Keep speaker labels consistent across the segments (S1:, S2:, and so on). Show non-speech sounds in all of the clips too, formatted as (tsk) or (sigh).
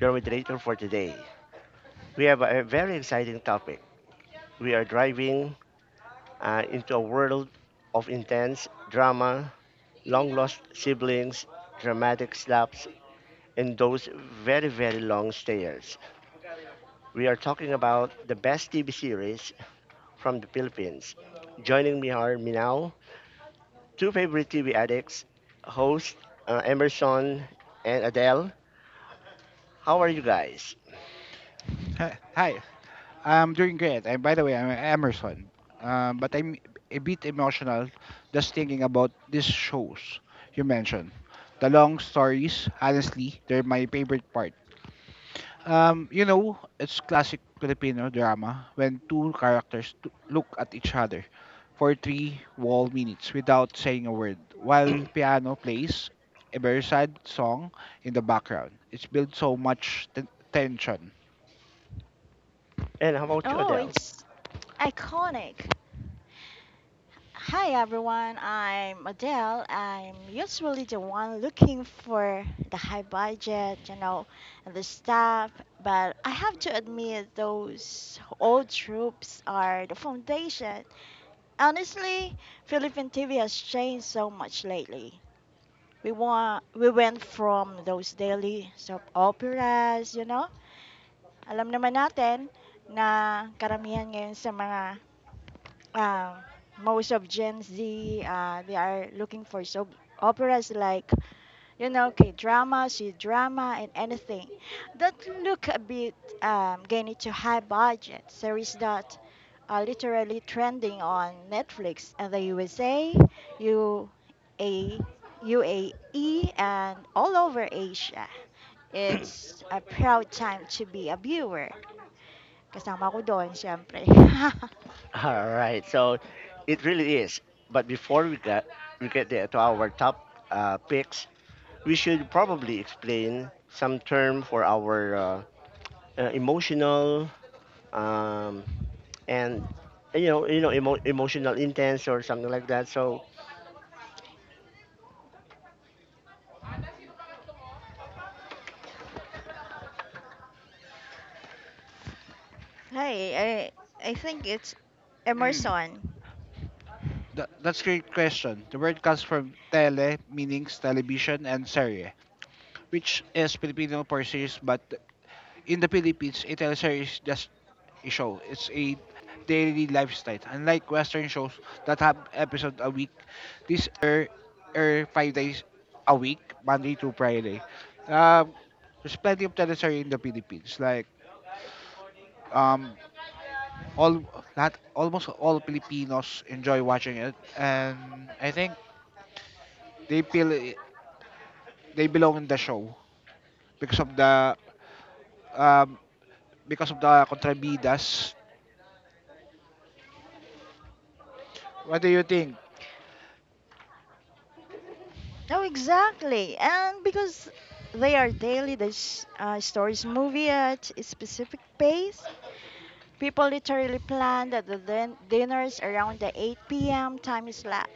S1: your moderator for today. We have a very exciting topic. We are driving into a world of intense drama, long lost siblings, dramatic slaps, and those very, very long stares. We are talking about the best TV series from the Philippines. Joining me are Minao, two favorite TV addicts, host Emerson and Adele. How are you guys?
S2: Hi, hi, I'm doing great. And by the way, I'm Emerson. But I'm a bit emotional just thinking about these shows you mentioned. The long stories, honestly, they're my favorite part. It's classic Filipino drama when two characters look at each other for three whole minutes without saying a word, while piano plays a very sad song in the background. It's built so much tension.
S1: And how about you,
S3: Oh,
S1: Adele?
S3: it's iconic. Hi everyone, I'm Adele. I'm usually the one looking for the high budget, and the stuff. But I have to admit, those old troops are the foundation. Honestly, Philippine TV has changed so much lately. We went from those daily soap operas. Alam naman natin na karamihan ngayon sa mga uh, most of Gen Z, they are looking for soap operas like K drama, C drama, and anything that look a bit getting to high budget series that are literally trending on Netflix and the USA, UA, UAE, and all over Asia. It's a proud time to be a viewer. Kasama ko doon, syempre. (laughs)
S1: (laughs) All right, so it really is. But before we get there to our top picks, we should probably explain some term for our emotional um, and emotional intense or something like that. So
S3: Hi, I I think it's
S2: Mm.
S3: Emerson.
S2: That's a great question. The word comes from tele, meaning television, and serie, which is Filipino for series, but in the Philippines, a teleserie is just a show. It's a daily lifestyle. Unlike Western shows that have episode a week, these air five days a week, Monday to Friday. Um, there's plenty of teleserie in the Philippines. Like, um, all that almost all Filipinos enjoy watching it, and I think they feel they belong in the show because of the um, because of the contrabidas. What do you think?
S3: Oh, exactly. And because they are daily, the stories move at a specific pace. People literally plan that the dinners around the 8 p.m. time is slot.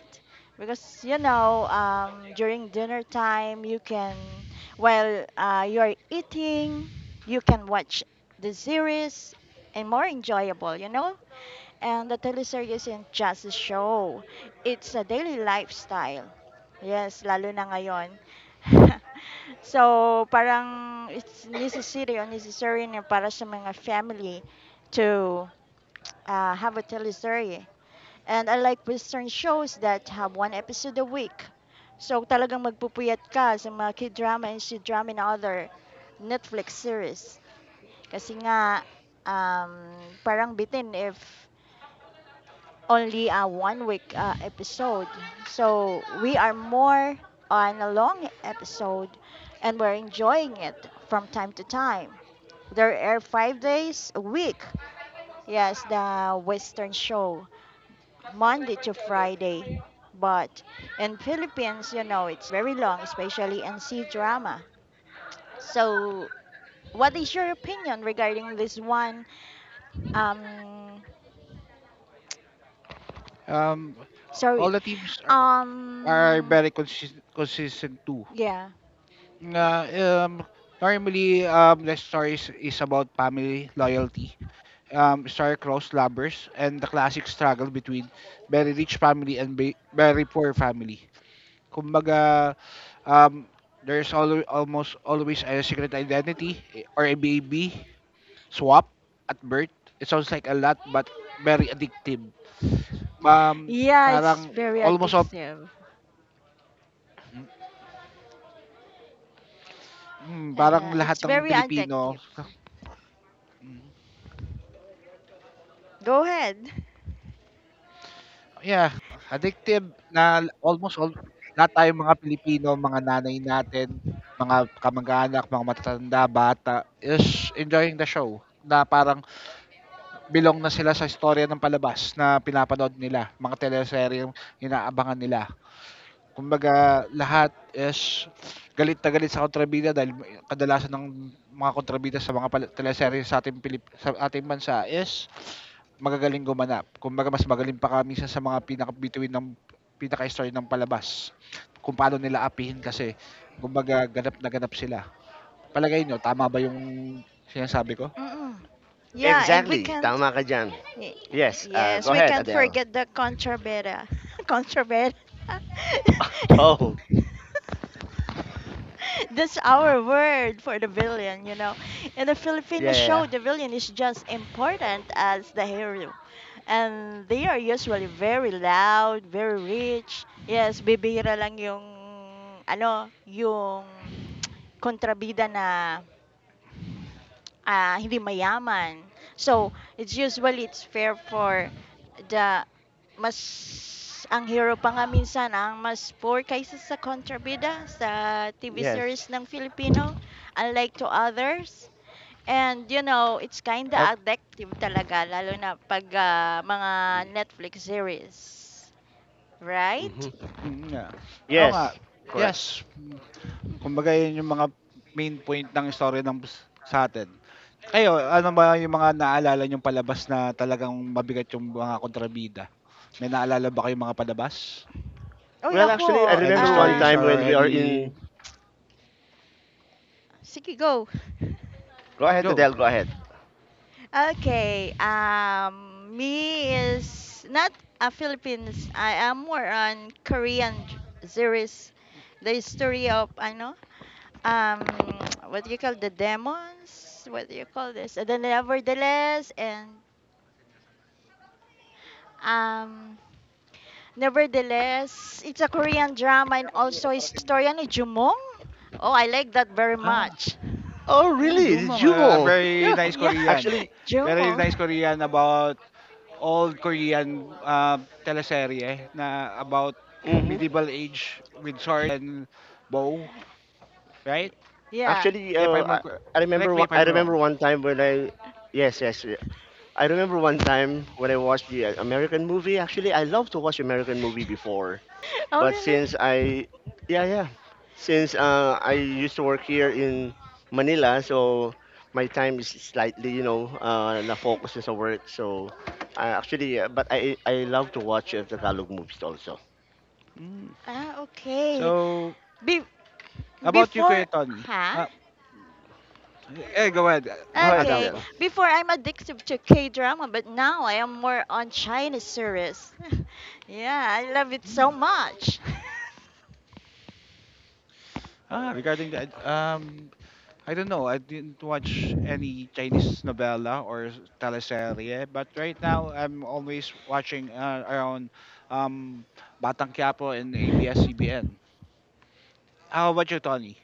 S3: Because, during dinner time, you can, while you are eating, you can watch the series and more enjoyable, you know? And the teleseries isn't just a show, it's a daily lifestyle. Yes, lalo na ngayon. (laughs) So, parang it's necessary or necessary na para sa mga family to have a teleserye. And I like Western shows that have one episode a week. So, talagang magpupuyat ka sa mga k-drama and c-drama and other Netflix series. Kasi nga, parang bitin if only a one week episode. So we are more on a long episode and we're enjoying it from time to time. There are 5 days a week. Yes, the Western show, Monday to Friday. But in Philippines, you know, it's very long, especially in C drama. So what is your opinion regarding this one? Um,
S2: Um, all
S3: Sorry.
S2: the teams are
S3: Um,
S2: very consistent too.
S3: yeah.
S2: Na um, normally, the story is about family loyalty, star-crossed lovers, and the classic struggle between very rich family and very poor family. Kumbaga, um, there's almost always a secret identity eh, or a baby swap at birth. It sounds like a lot but very addictive. Um,
S3: Yeah, it's
S2: parang
S3: very
S2: almost all,
S3: addictive.
S2: parang lahat
S3: It's
S2: ng
S3: very
S2: Pilipino,
S3: addictive. Go ahead.
S2: yeah, addictive na almost all lahat tayong mga Pilipino, mga nanay natin, mga kamag-anak, mga matatanda, bata, is enjoying the show na parang belong na sila sa istorya ng palabas na pinapanood nila, mga teleserye yung inaabangan nila. Kumbaga lahat is galit na galit sa kontrabida dahil kadalasan ng mga kontrabida sa mga teleserye sa ating sa ating bansa is magagaling gumanap. Kumbaga mas magaling pa kami sa mga pinakabituin ng pinaka story ng palabas, kung paano nila apihin kasi kumbaga ganap na ganap sila. Palagay nyo tama ba yung sinasabi ko?
S3: Mm-mm. Yeah, and we
S1: exactly,
S3: can't.
S1: tama ka dyan.
S3: y-
S1: Yes,
S3: Yes,
S1: go
S3: we
S1: ahead,
S3: can't
S1: Adele.
S3: forget the contrabera. Contrabera.
S1: (laughs) Oh,
S3: (laughs) (laughs) That's our word for the villain. In the Filipino
S1: yeah, yeah, yeah.
S3: show, the villain is just important as the hero. And they are usually very loud, very rich. Yes, bibihira lang yung ano, yung kontrabida na hindi mayaman. So, it's usually it's fair for the mas ang hero pa nga minsan ang mas poor kaysa sa kontrabida sa TV
S1: Yes.
S3: series ng Filipino unlike to others. And it's kinda
S2: Pero
S3: addictive talaga lalo na pag mga Netflix series. Right?
S1: Hmm.
S2: nga. Oo nga,
S1: Yes, correct.
S2: yes. Kumbaga yun yung mga main point ng story ng sa atin. Kayo, ano ba yung mga naalala yung palabas na talagang mabigat yung mga kontrabida? May naalala ba kayong mga palabas?
S3: Uy,
S1: Well,
S3: ako,
S1: actually, I
S2: Any
S1: remember one
S2: stories
S1: time
S2: or
S1: when we are
S2: any
S1: in.
S3: sige, go.
S1: Go ahead,
S2: go.
S1: Adele. Go ahead.
S3: Okay, me is not a Philippines. I am more on Korean series. The history of, I know, (tsk) what do you call the demons? What do you call this? And then um, nevertheless, it's a Korean drama and also historian ni Jumong. Oh, I like that very
S2: Ah,
S3: much. (laughs)
S1: Oh,
S2: oh,
S1: really? The
S2: Jumong, a
S1: Jubal? (laughs)
S2: very
S1: Yeah.
S2: nice
S3: Yeah,
S2: Korean.
S1: Actually,
S3: (laughs)
S2: Very nice
S3: Jumong.
S2: Korean about old Korean teleserye na about
S1: mhm,
S2: medieval age with sword and bow, right?
S3: Yeah.
S1: actually,
S2: If
S1: uh,
S2: I'm
S1: I,
S2: not
S1: I remember.
S2: correct me
S1: One,
S2: if
S1: I
S2: I'm wrong.
S1: remember one time when I, yes, yes, yeah. I remember one time when I watched the American movie. Actually, I love to watch American movie before.
S3: Oh,
S1: But
S3: really?
S1: since I, yeah, yeah, since I used to work here in Manila, so my time is slightly, you know, na focus sa work. So I actually, but I love to watch Tagalog movies also.
S2: Mm.
S3: Okay.
S2: So
S3: Be
S2: about you,
S3: before,
S2: Kuya Tony.
S3: huh?
S2: Uh, go ahead,
S1: Go ahead,
S3: Okay.
S2: Adalpa.
S1: Adele.
S3: Before I'm addicted to K-drama, but now I am more on Chinese series. (laughs) Yeah, I love it so
S2: Mm.
S3: much.
S2: Regarding that, I don't know. I didn't watch any Chinese novela or teleserye, but right now I'm always watching around, um, Batang Quiapo and ABS-CBN. How about you, Tony?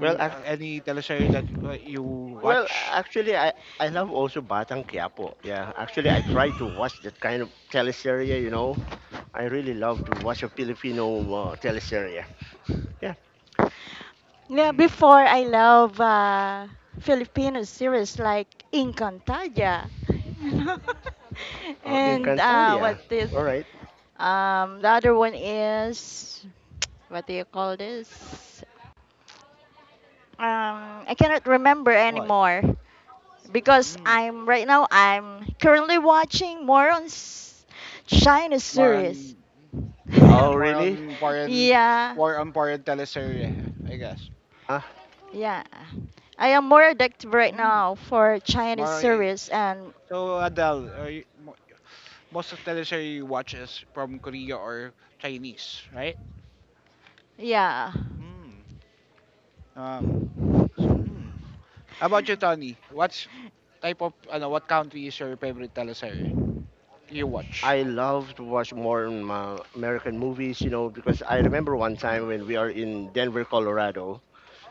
S1: Well, ac
S2: Any teleserye that you
S1: well,
S2: watch?
S1: actually, I love also Batang Quiapo. Yeah, actually, I
S3: (laughs)
S1: try to watch that kind of teleserye. You know, I really love to watch a Filipino teleserye. Yeah,
S3: Yeah,
S2: Mm.
S3: before I love Filipino series like Encantadia, (laughs) you know, (laughs)
S2: Mm.
S3: and what
S1: Encantadia.
S3: this
S1: All right.
S3: the other one is (tsk) what do you call this? I cannot remember
S2: What?
S3: anymore because
S2: Mm.
S3: I'm right now I'm currently watching more on China
S2: More
S3: series.
S2: on
S3: (laughs)
S2: ah,
S1: Oh,
S2: more
S1: really?
S2: on foreign,
S3: yeah,
S2: more on foreign teleserye, I guess.
S1: Ah.
S3: Yeah. I am more addicted right
S2: Mm.
S3: now for Chinese
S2: More i-
S3: series and
S2: so Adele, are you, most of teleserye you watch is from Korea or Chinese, right?
S3: yeah. (laughs)
S2: Mm. Um, Mm. How about you, Tony? What's type of ano, what country is your favorite teleserye you watch?
S1: I love to watch more American movies, you know, because I remember one
S2: Hmm.
S1: time when we are in Denver, Colorado.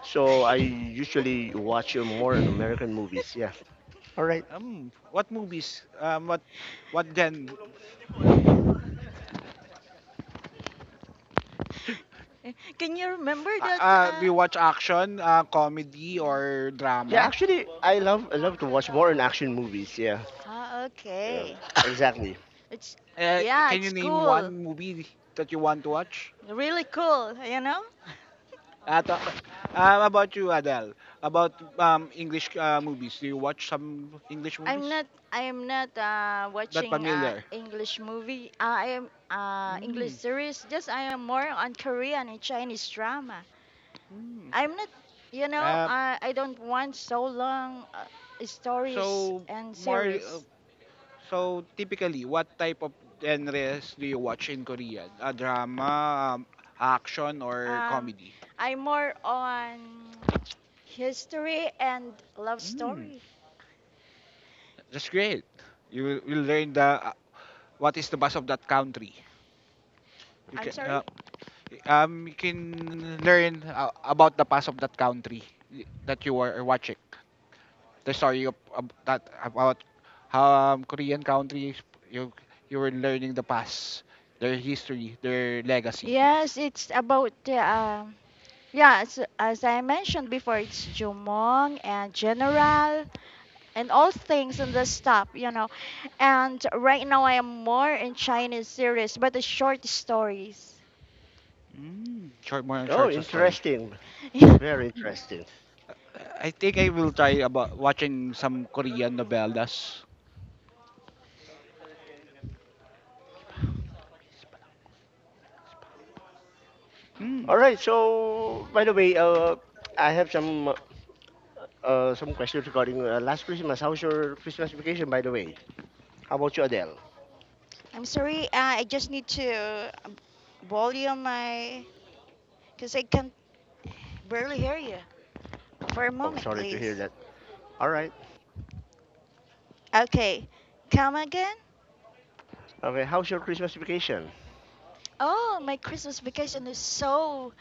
S1: So I usually watch more on
S3: Can
S1: American movies. Yeah. All right.
S2: Um, what movies? What gen?
S3: you remember that?
S2: Do you watch action, comedy,
S3: Yeah.
S2: or
S1: Yeah,
S2: drama?
S1: actually, I love to watch more in action movies. Yeah, yeah,
S3: Okay.
S1: exactly.
S3: It's, yeah,
S2: Can you
S3: it's
S2: name
S3: cool.
S2: one movie that you want to watch?
S3: Really cool, you know?
S2: Talk, about you, Adele. About English movies. Do you watch some English
S3: I'm
S2: movies?
S3: not I am not
S2: Not
S3: watching
S2: familiar.
S3: English movie. I am English
S2: Mm,
S3: series. Just I am more on Korean and Chinese drama.
S2: mm.
S3: I'm not,
S2: Uh,
S3: I don't want so long stories
S2: so
S3: and
S2: more.
S3: series.
S2: So typically, what type of genres do you watch in Korea? A drama, action, or
S3: Um,
S2: comedy?
S3: I'm more on history and love
S2: Mm,
S3: story.
S2: that's great. You will learn the what is the buzz of that country. You
S3: I'm
S2: can.
S3: sorry.
S2: Um you can learn about the past of that country that you are watching the story of that about Korean countries. You were learning the past, their history, their legacy.
S3: Yes, it's about the. Yeah, as I mentioned before, it's Jumong and General and all things in this stuff. And right now I am more in Chinese series, but the short stories.
S2: Mm. Short more on
S1: Oh,
S2: short story.
S1: interesting.
S3: (laughs)
S1: Very
S2: Mm.
S1: interesting.
S2: I think I will try about watching some Korean novellas. Mm.
S1: All right. So, by the way, I have some questions regarding last Christmas. How's your Christmas vacation, by the way? How about you, Adele?
S3: I'm sorry, I just need to volume my. Because I can barely hear you. For a
S1: Oh,
S3: moment,
S1: sorry to hear
S3: please.
S1: that. All right.
S3: Okay, come again?
S1: Okay, how's your Christmas vacation?
S3: Oh, my Christmas vacation is so,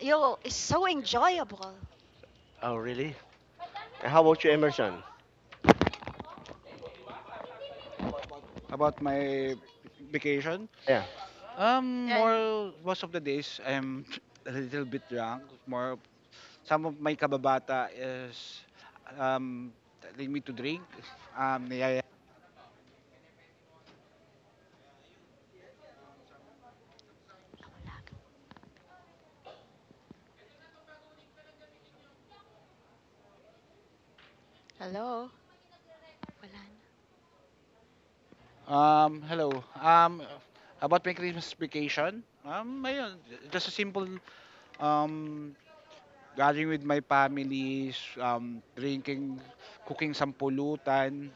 S3: yo, is so enjoyable.
S1: Oh, really? And how about you, Emerson?
S2: About my vacation.
S1: Yeah.
S3: Yan.
S2: More most of the days I'm (laughs) (tsk) a little bit drunk. More some of my kababata is um telling me to drink. (laughs) Niyaya.
S3: Hello? Wala na.
S2: Hello. Um, about my Christmas vacation. Ayun, just a simple um gathering with my families, drinking, cooking some pulutan.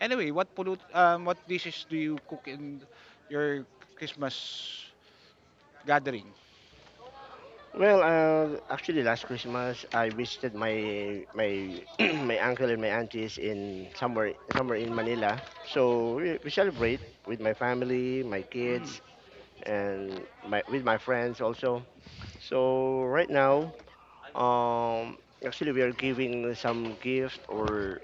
S2: Anyway, what pulut what dishes do you cook in your Christmas gathering?
S1: Well, actually, last Christmas I visited my (clears throat) my uncle and my aunties in somewhere somewhere in Manila. So we celebrate with my family, my
S2: Mm.
S1: kids, and my with my friends also. So right now, actually we are giving some gift or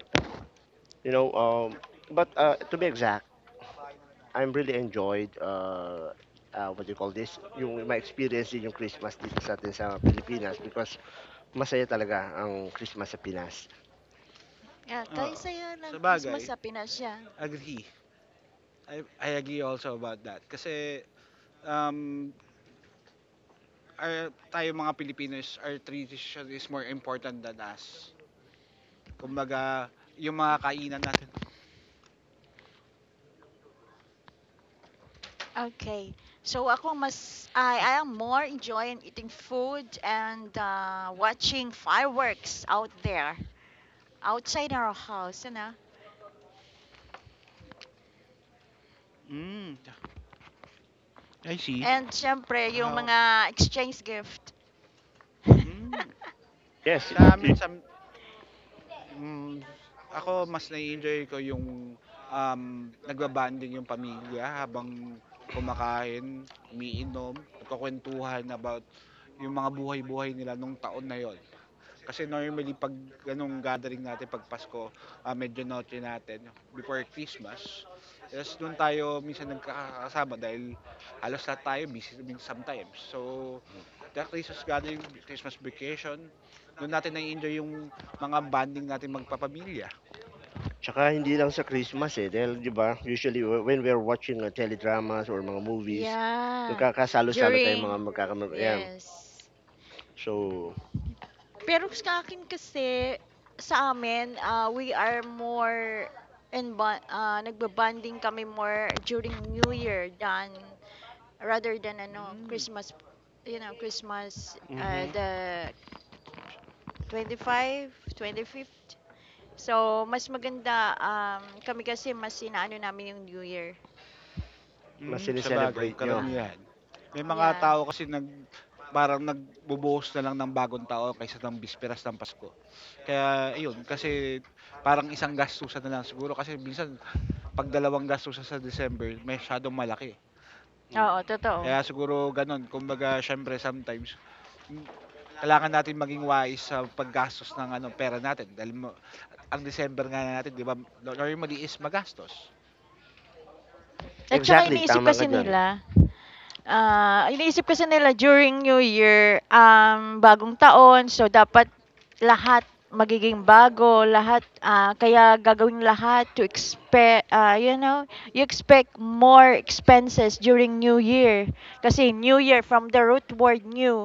S1: you know, but to be exact. I'm really enjoyed what do you call this yung my experience din yung Christmas dito sa atin sa Pilipinas because masaya talaga ang Christmas sa Pinas.
S3: Yeah, kaya
S2: Oo.
S3: saya ng
S2: Sa
S3: Christmas
S2: bagay
S3: sa Pinas yan.
S2: agree. I agree also about that. Kasi, um, our, tayo mga Pilipinos our tradition is more important than us.
S3: Wala.
S2: Kumbaga, yung mga kainan natin.
S3: Okay. So ako mas I am more enjoying eating food and watching fireworks out there outside our house.
S2: Mm, I see.
S3: And syempre yung
S2: How,
S3: mga exchange gift.
S2: mm,
S1: Yes,
S2: sa amin,
S1: i-
S3: (laughs)
S2: sa, mm, ako, mas nai-enjoy ko yung um, nagbabanding yung pamilya habang kumakain, umiinom, nagkakwentuhan about yung mga buhay-buhay nila nung taon na yon. Kasi normally pag ganong gathering natin pag Pasko, ah, medyo noche natin before Christmas. Yes, doon tayo minsan nagkakasama dahil halos lahat tayo busy I sometimes. So, the Christmas gathering, Christmas vacation, doon natin na-enjoy yung mga bonding natin magpapamilya.
S1: tsaka hindi lang sa Christmas eh dahil 'di ba usually when we're watching teledramas or mga movies
S3: Yeah.
S1: nagkakasalo-salo tayo
S3: During
S1: mga magkakamag yan.
S3: yes.
S2: Mm.
S1: So,
S3: Pero sa akin kasi sa amin, we are more and nagbabanding kami more during New Year than rather than ano
S2: Mm.
S3: Christmas you know Christmas
S1: mm-hmm,
S3: the 25th so mas maganda kami kasi mas inaano namin yung New Year
S1: mas
S2: Sabagay
S1: sineselebrate
S3: ah
S1: nyo.
S3: ah.
S2: karamihan. May mga
S3: Yeah,
S2: tao kasi nag parang nagbubuhos na lang ng bagong taon kaysa ng bisperas ng Pasko. Kaya iyon, kasi parang isang gastusan na lang siguro kasi minsan 'pag dalawang gastusan sa December masyadong malaki.
S1: Mm.
S3: oo, totoo,
S2: Kaya siguro gano'n, kumbaga siyempre sometimes, hmm, kailangan natin maging wise sa paggastos ng ano, pera natin dahil mo ang December nga natin 'di ba normally is magastos.
S3: at saka
S2: Hmm,
S1: Exactly, tama ka dyan.
S3: iniisip kasi nila during New Year, bagong taon, so dapat lahat magiging bago, lahat, kaya gagawin lahat to expect, you expect more expenses during New Year. Kasi New Year, from the root word new,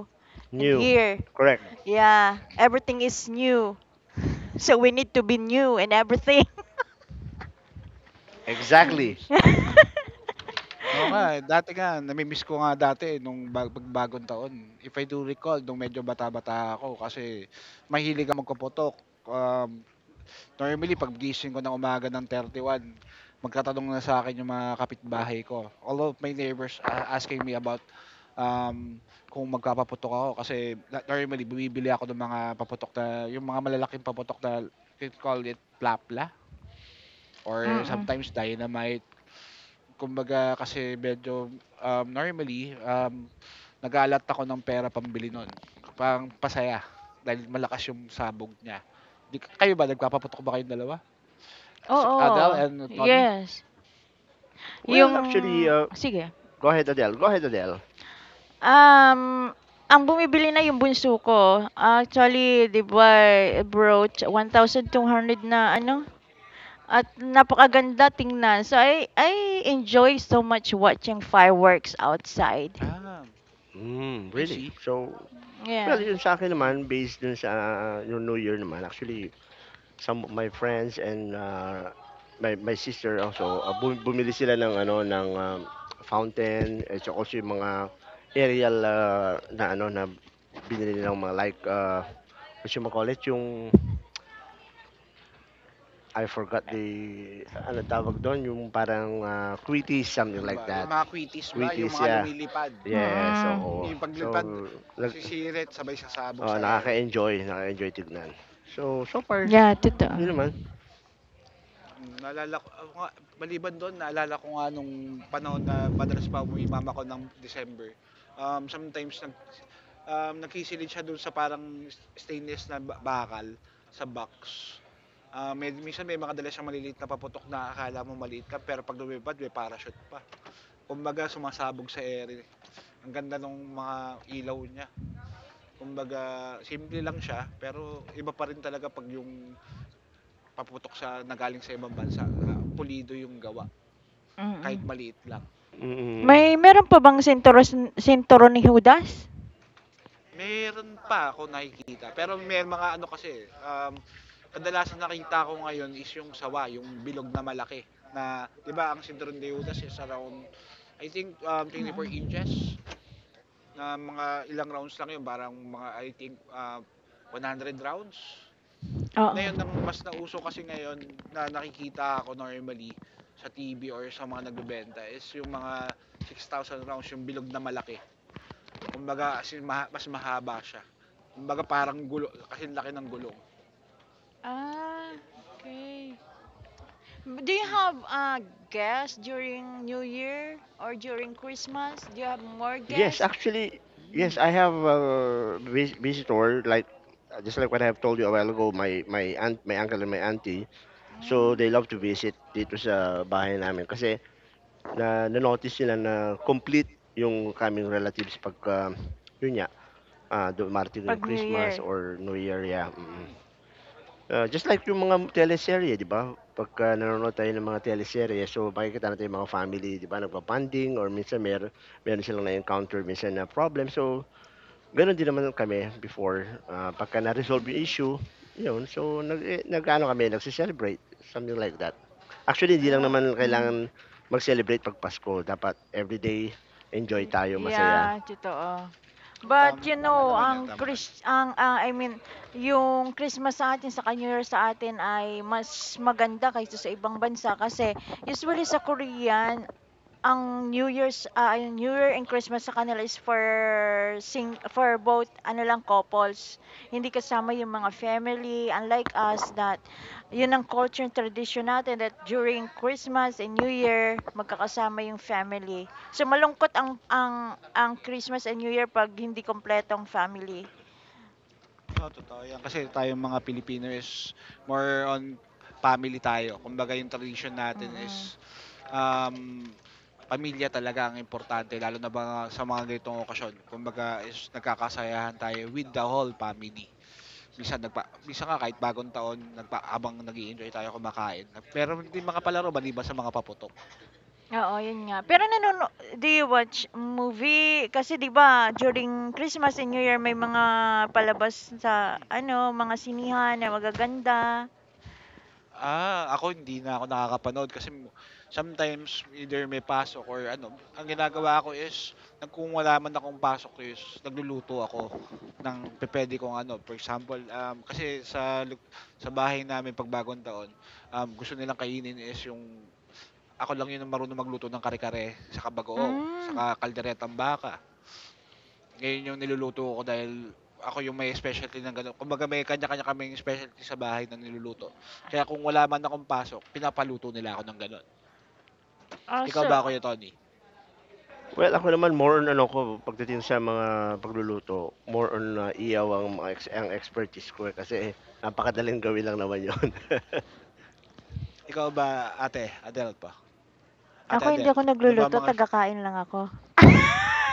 S3: and
S1: New.
S3: year,
S1: Correct.
S3: yeah, everything is new. (laughs) So we need to be new in everything.
S2: hmm.
S1: Exactly.
S3: (laughs)
S2: Oo nga, eh, dati nga nami-miss ko nga dati eh, nung ba pagbagong taon, if I do recall nung medyo bata-bata ako kasi mahilig ako magkapotok. Um, normally paggising ko ng umaga ng 31 magtatanong na sa'kin yung mga kapitbahay ko. All of my neighbors asking me about, um, kung magpapaputok ako kasi normally bumibili ako ng mga paputok na yung mga malalaking paputok na they call it plapla or
S3: Mm-mm.
S2: sometimes dynamite. Kumbaga kasi medyo, normally, nag a ako ng pera pambili nun, pang-pasaya dahil malakas yung sabog niya. Di kayo ba nagpapaputok ba kayong dalawa? Si Adele
S3: Oo,
S2: and Tony?
S3: yes. Yung
S1: Well, actually,
S3: sige,
S1: go ahead Adele. Go ahead Adele.
S3: um, ang bumibili na yung bunso ko. Actually, 'di ba, brooch 1,200 na ano at napakaganda tingnan. So I enjoy so much watching fireworks outside.
S2: Ah,
S1: Hmm,
S2: I
S1: really?
S2: see.
S1: So, well,
S3: Yeah.
S1: yun sa akin
S2: Hmm,
S1: naman, based dun sa ah, yung New Year naman, actually, some of my friends and my sister also, bumili sila ng ano ng fountain at saka also yung mga aerial na ano na binili nilang mga like what you call it, yung I forgot the ano tawag doon, yung parang quitties, something
S2: ano
S1: like
S2: ba, yung
S1: that.
S2: mga kwintis ba, yung
S1: Quitties,
S2: mga
S1: yeah.
S2: lumilipad?
S1: Yes,
S3: Mm.
S1: oo.
S2: Yung
S1: So,
S2: paglipad,
S1: nag
S2: sisirit sabay sasabog
S1: oo,
S2: sa ere.
S1: nakaka-enjoy, nakaka-enjoy tignan. So far,
S3: Yeah,
S2: Hmm,
S3: totoo.
S1: yun naman.
S2: Naalala ko ako nga maliban dun naalala ko nga nung panahon na madalas pa umuwi mama ko ng December, sometimes nagsisilid siya dun sa parang stainless na bakal sa box. Ah, minsan may mga dala siyang maliliit na paputok na akala mo maliit lang pero 'pag lumipad may parachute pa. Kumbaga sumasabog sa ere. Ang ganda nung mga ilaw niya. Kumbaga simple lang siya pero iba pa rin talaga 'pag yung paputok sa nagaling sa ibang bansa, ah, pulido yung gawa. Kahit
S3: Mm.
S2: maliit lang.
S3: May
S1: Mm,
S3: meron pa bang sinturon sinturon ni Judas?
S2: Meron pa ako nakikita, pero may mga ano kasi, kadalasan nakita ko ngayon is yung sawa, yung bilog na malaki. Na, di ba, ang Sidron de Judas is around, I think, four
S3: Mm.
S2: inches. Na mga ilang rounds lang yun, parang mga, I think, 100 rounds.
S3: Oo.
S2: Ngayon, ang mas nauso kasi ngayon na nakikita ako normally sa TV or sa mga nagbebenta is yung mga 6,000 rounds, yung bilog na malaki. Kumbaga, as in, mas mahaba siya. Kumbaga parang gulo, kasi laki ng gulong.
S3: Ah, okay. Do you have guests during New Year or during Christmas? Do you have more
S1: yes,
S3: guests?
S1: actually,
S2: Hmm.
S1: yes, I have a visitor, like, just like what I have told you a while ago, my aunt, my uncle and my auntie, so
S3: Mm,
S1: they love to visit dito sa bahay namin kasi na-notice nila na complete yung kaming relatives pag, yun niya, ah, dumating
S3: pag
S1: yung
S3: New
S1: Christmas
S3: Year.
S1: or New Year, yeah.
S2: Mm.
S1: Ah, just like yung mga teleserye 'di ba? Pagka nanonood tayo ng mga teleserye so makikita natin yung mga family 'di ba nagba or minsan meron silang na-encounter minsan na problem. So gano'n din naman kami before, ah, pagka na-resolve yung issue, yun so nag-aano kami nagce-celebrate, something like that. Actually hindi lang
S2: Ah,
S1: naman
S3: Mm,
S1: kailangan mag-celebrate 'pag Pasko dapat everyday enjoy tayo, masaya.
S2: Mm.
S3: yeah, totoo.
S2: oh,
S3: But
S2: tama.
S3: you
S2: Tama
S3: know,
S2: naman yan.
S3: ang
S2: Tama naman.
S3: Chris ang ah, I mean, yung Christmas sa atin sa New Year sa atin ay mas maganda kaysa sa ibang bansa kasi usually sa Korean Ang New Year's, yung New Year and Christmas sa kanila is for sing for both ano lang couples. Hindi kasama yung mga family unlike us that yun ang culture and tradition natin that during Christmas and New Year magkakasama yung family. So malungkot ang Christmas and New Year pag hindi kompletong family.
S2: Oo, totoo yan. Kasi tayong mga Pilipino is more on family tayo. Kumbaga yung tradition natin
S3: Mm.
S2: is um, pamilya talaga ang importante. Lalo na ba sa mga ganitong okasyon. Kumbaga is nagkakasayahan tayo with the whole family. Bisa nga kahit bagong taon, abang nag enjoy tayo kumakain. Pero hindi mga palaro, ba di ba sa mga paputok.
S3: Oo, yun nga. Pero
S2: Hmm.
S3: nanono do you watch movie? Kasi 'di ba, during Christmas and New Year may mga palabas sa ano, mga sinihan na magaganda.
S2: Ah, ako hindi na ako nakakapanood kasi mo sometimes either may pasok or ano, ang ginagawa ko is nag kung wala man akong pasok is nagluluto ako ng pupuwede kong ano, for example, kasi sa sa bahay namin 'pag Bagong Taon, gusto nilang kainin is yung ako lang 'yun ang marunong magluto ng kare-kare, saka bagoong,
S3: Hmm,
S2: saka kalderetang baka. Ngayon yung niluluto ko dahil ako yung may specialty ng gano'n. Kumbaga may kanya-kanya kaming specialty sa bahay na niluluto. Kaya kung wala man akong pasok, pinapaluto nila ako ng gano'n.
S3: ah,
S2: Ikaw ba,
S3: so
S2: Kuya Tony?
S1: Well, ako naman more on ano ko pagdating sa mga pagluluto, more on, ah, iyaw ang mga ang expertise ko, eh, kasi napakadaling gawin lang naman yon. (laughs)
S2: Ikaw ba, Ate Adele pa? Ate
S3: ako hindi
S2: Adele,
S3: ako
S2: ano ba
S3: nagluluto,
S2: mga...
S3: taga-kain lang ako.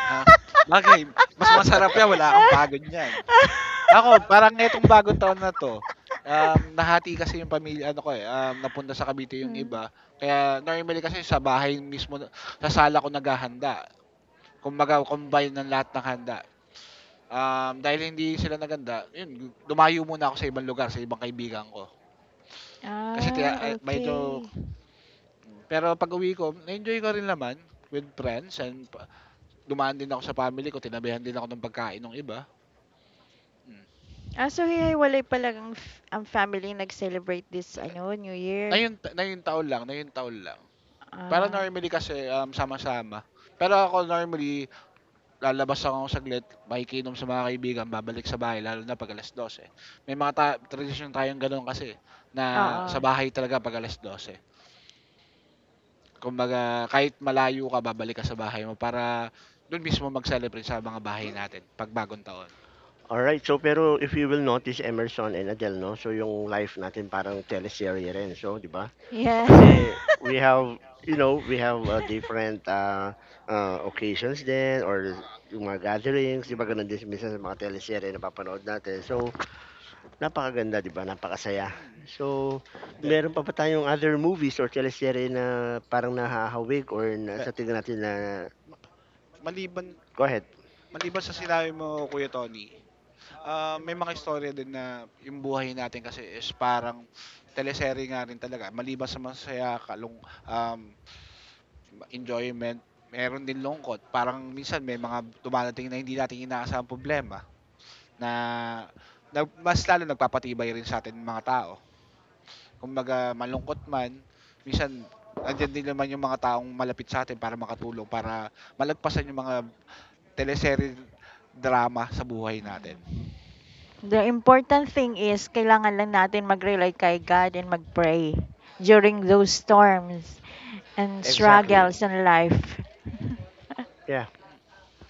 S2: Ha? Bagay, mas masarap yan, wala kang pagod yan. Ako,
S3: (laughs)
S2: parang ngayong bagong taon na to, nahati kasi yung pamilya, ano ko eh, napunta sa Cavite yung
S3: Hmm,
S2: iba. Kaya normally kasi sa bahay mismo, sa sala ko naghahanda. Kumbaga, combine ng lahat ng handa. Dahil hindi sila naganda, yun, lumayo muna ako sa ibang lugar, sa ibang kaibigan ko. Kasi tiya,
S3: ah,
S2: eh, medyo,
S3: okey.
S2: pero pag-uwi ko, na-enjoy ko rin naman with friends and dumaan din ako sa family ko, tinabihan din ako ng pagkain ng iba. Mm.
S3: So hihiwalay pala ang family nag-celebrate this ano, New Year.
S2: Na yun taon lang, na yun taon lang. Para
S3: Ah,
S2: normally kasi sama-sama. Pero ako normally, lalabas ako saglit, makikinom sa mga kaibigan, babalik sa bahay, lalo na pag alas 12. May mga tradisyon tayong ganun kasi, na sa
S3: Oo.
S2: bahay talaga pag alas 12. Kumbaga kahit malayo ka babalik ka sa bahay mo para dun mismo mag-celebrate sa mga bahay natin 'pag Bagong Taon.
S1: Alright, so pero if you will notice Emerson and Adele 'no, so yung life natin parang teleserye rin, so 'di ba?
S3: Yeah.
S1: Kasi we have, you know, we have, ah, different,
S3: (laughs)
S1: ah, occasions din or yung mga gatherings, 'di ba
S2: Hmm,
S1: gano'n din minsan sa mga teleserye na napapanood natin. So, napakaganda 'di ba, napakasaya.
S2: mhm.
S1: So,
S2: Hindi,
S1: meron pa ba tayong other movies or teleserye na parang nahahawaig or na
S2: hindi.
S1: sa tingin natin na
S2: Ma maliban
S1: go ahead.
S2: maliban sa sinabi mo Kuya Tony, ah, may mga istorya din na yung buhay natin kasi is parang teleserye nga rin talaga maliban sa masaya kalung um, enjoyment, meron din lungkot. Parang minsan may mga dumadating na hindi natin inaasahang problema. Na na mas lalo nagpapatibay rin sa atin mga tao. Kumbaga malungkot man, minsan nandiyan din naman yung mga taong malapit sa atin para makatulong, para malagpasan yung mga teleserye drama sa buhay natin.
S3: The important thing is kailangan lang natin mag-rely kay God and mag-pray during those storms and struggles
S1: Exactly.
S2: Mm,
S3: in life. (laughs)
S1: Yeah,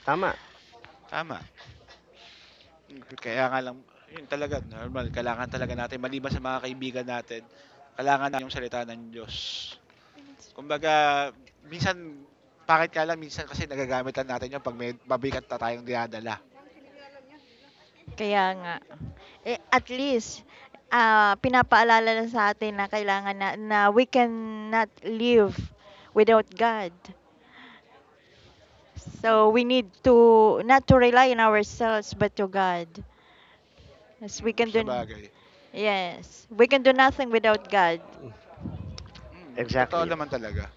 S1: tama.
S2: tama. Kaya nga lang yun talaga normal kailangan talaga natin maliban sa mga kaibigan natin, kailangan natin yung salita ng Diyos. Kumbaga minsan pangit nga lang minsan kasi nagagamitan natin yung 'pag may mabigat na tayong dinadala.
S3: Kaya nga. Eh, at least, pinapaalala na sa atin na kailangan na we cannot live without God. So,
S2: Mm.
S3: we need to, not to rely on ourselves, but to God. Yes, we can do,
S2: Sabagay.
S3: yes, we can do nothing without God.
S2: Totoo
S1: Exactly.
S2: naman talaga.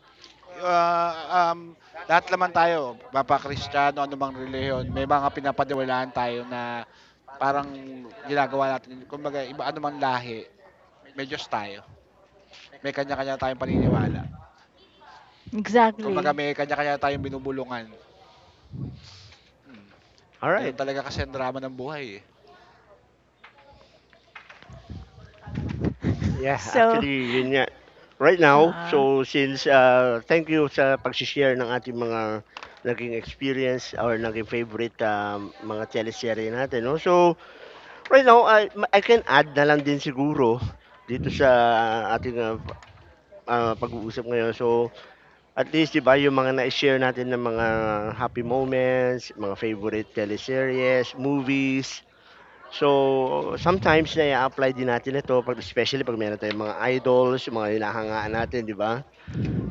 S2: Ah, um, lahat naman tayo, mapa-Kristiyano, anumang reliyon, may mga pinapaniwalaan tayo na parang ginagawa natin, kumbaga iba anumang lahi, may Diyos tayo. May kanya-kanya tayong paniniwala. Kumbaga
S3: Exactly.
S2: may kanya-kanya tayong binubulungan. Mm.
S1: All right.
S2: Ganun talaga kasi ang drama ng buhay eh.
S1: Yeah,
S3: (laughs) So,
S1: actually yun nga. Right now,
S3: oo.
S1: so since, ah, thank you sa pagse-share ng ating mga naging experience or naging favorite, mga teleserye natin 'no. So right now, I can add na lang din siguro dito sa ating, ah, pag-uusap ngayon. So, at least 'di ba yung mga na share natin ng mga happy moments, mga favorite teleseries, movies. So, sometimes na apply din natin ito 'pag especially 'pag meron tayong mga idols, yung mga hinahangaan natin, 'di ba?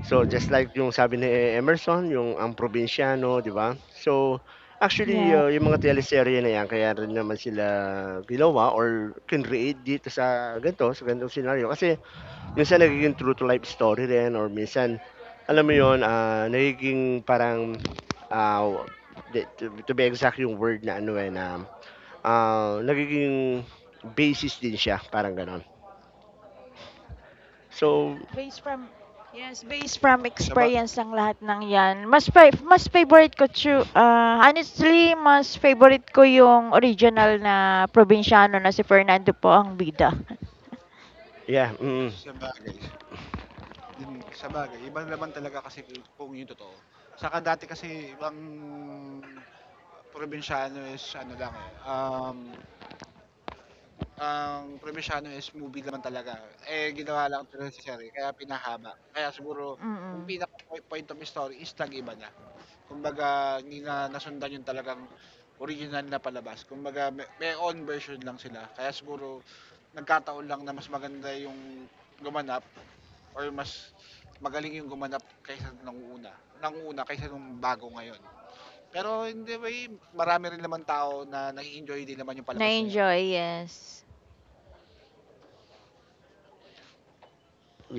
S1: So just like yung sabi ni Emerson, yung ang probinsyano, 'di ba? So actually
S3: Yeah.
S1: yung mga teleserye na yan kaya rin naman sila ginawa or kinreate dito sa ganito, sa ganitong scenario kasi minsan nagiging true to life story rin or minsan alam mo yon ah nagiging parang ah, to be exact yung word na ano eh na ah, nagiging basis din siya, parang ganon. So,
S3: Based from Yes, based from
S2: Saba
S3: experience ang lahat ng 'yan. Mas favorite ko true. Honestly, mas favorite ko yung original na probinsyano na si Fernando po ang bida. (laughs)
S1: yeah, mm.
S2: sabagay. Yun, sabagay, iba naman talaga kasi kung yung totoo. Saka dati kasi ibang probinsyano is ano lang, eh, ang probinsyano is movie naman talaga. Eh, ginawa lang teleserye kaya pinahaba. Kaya siguro yung
S3: Mm.
S2: pinaka point of story is nag-iba na. Kumbaga, hindi na nasundan yung talagang original na palabas. Kumbaga, may own version lang sila. Kaya siguro, nagkataon lang na mas maganda yung gumanap or mas magaling yung gumanap kaysa nung una. Nang una kaysa nung bago ngayon. Pero hindi the way, marami rin naman tao na nai enjoy din naman yung palabas na yun.
S3: Na-enjoy, yes.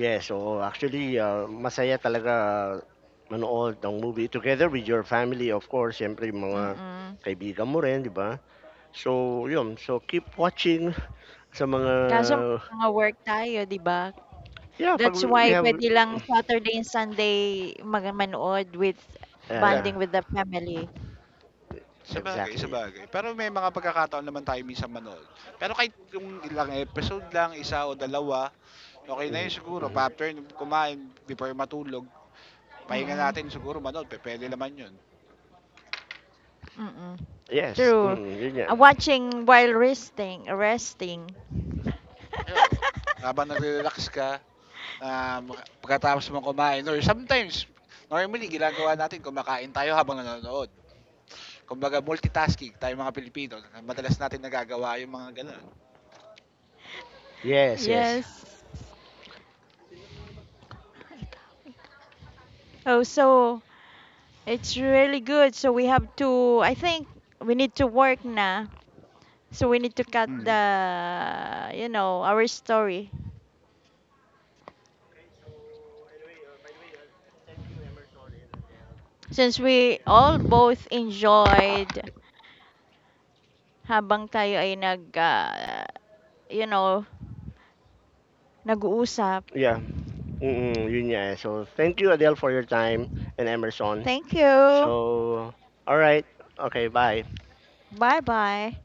S1: Yes, oo. Actually, ah, masaya talaga manood ng movie together with your family, of course. Siyempre, yung mga
S3: Mm.
S1: kaibigan mo rin, di ba? So, yun. So, keep watching sa mga...
S3: Kaso may mga work tayo, 'di ba?
S1: Yeah, pag
S3: That's
S1: we
S3: why
S1: have...
S2: Mm.
S3: pwede lang Saturday and Sunday mag manood with
S1: Yeah,
S2: Dep,
S1: yeah.
S3: bonding with the family.
S2: sabagay,
S1: Exactly.
S2: sabagay. Pero may mga pagkakataon naman tayo minsan manood. Pero kahit yung ilang episode lang, isa o dalawa, okay na
S1: Mhm,
S2: yun siguro.
S1: mhm.
S2: After kumain, before matulog, pahinga
S3: Mm.
S2: natin siguro manood. Pwede naman yun.
S3: Mm-mm.
S1: Yes.
S3: True.
S1: Mm, yun yan.
S3: Watching while resting. (laughs)
S2: Yo. Habang nagre-relax ka, um, pagkatapos mong kumain. Or sometimes, normally, ginagawa natin, kumakain tayo habang nanonood. Kumbaga multitasking tayo mga Pilipino, madalas natin nagagawa yung mga gano'n.
S1: Yes, yes.
S3: Yes. Wake up, wake up. Oh, so it's really good. So we have to, I think we need to work now. So we need to cut
S2: Mm.
S3: the our story. Since we all both enjoyed habang tayo ay you know, nag-uusap.
S1: Yeah. Mm, yun nga, eh. So, thank you, Adele, for your time and Emerson.
S3: Thank
S1: So,
S3: you.
S1: all right. Okay, bye.
S3: Bye-bye.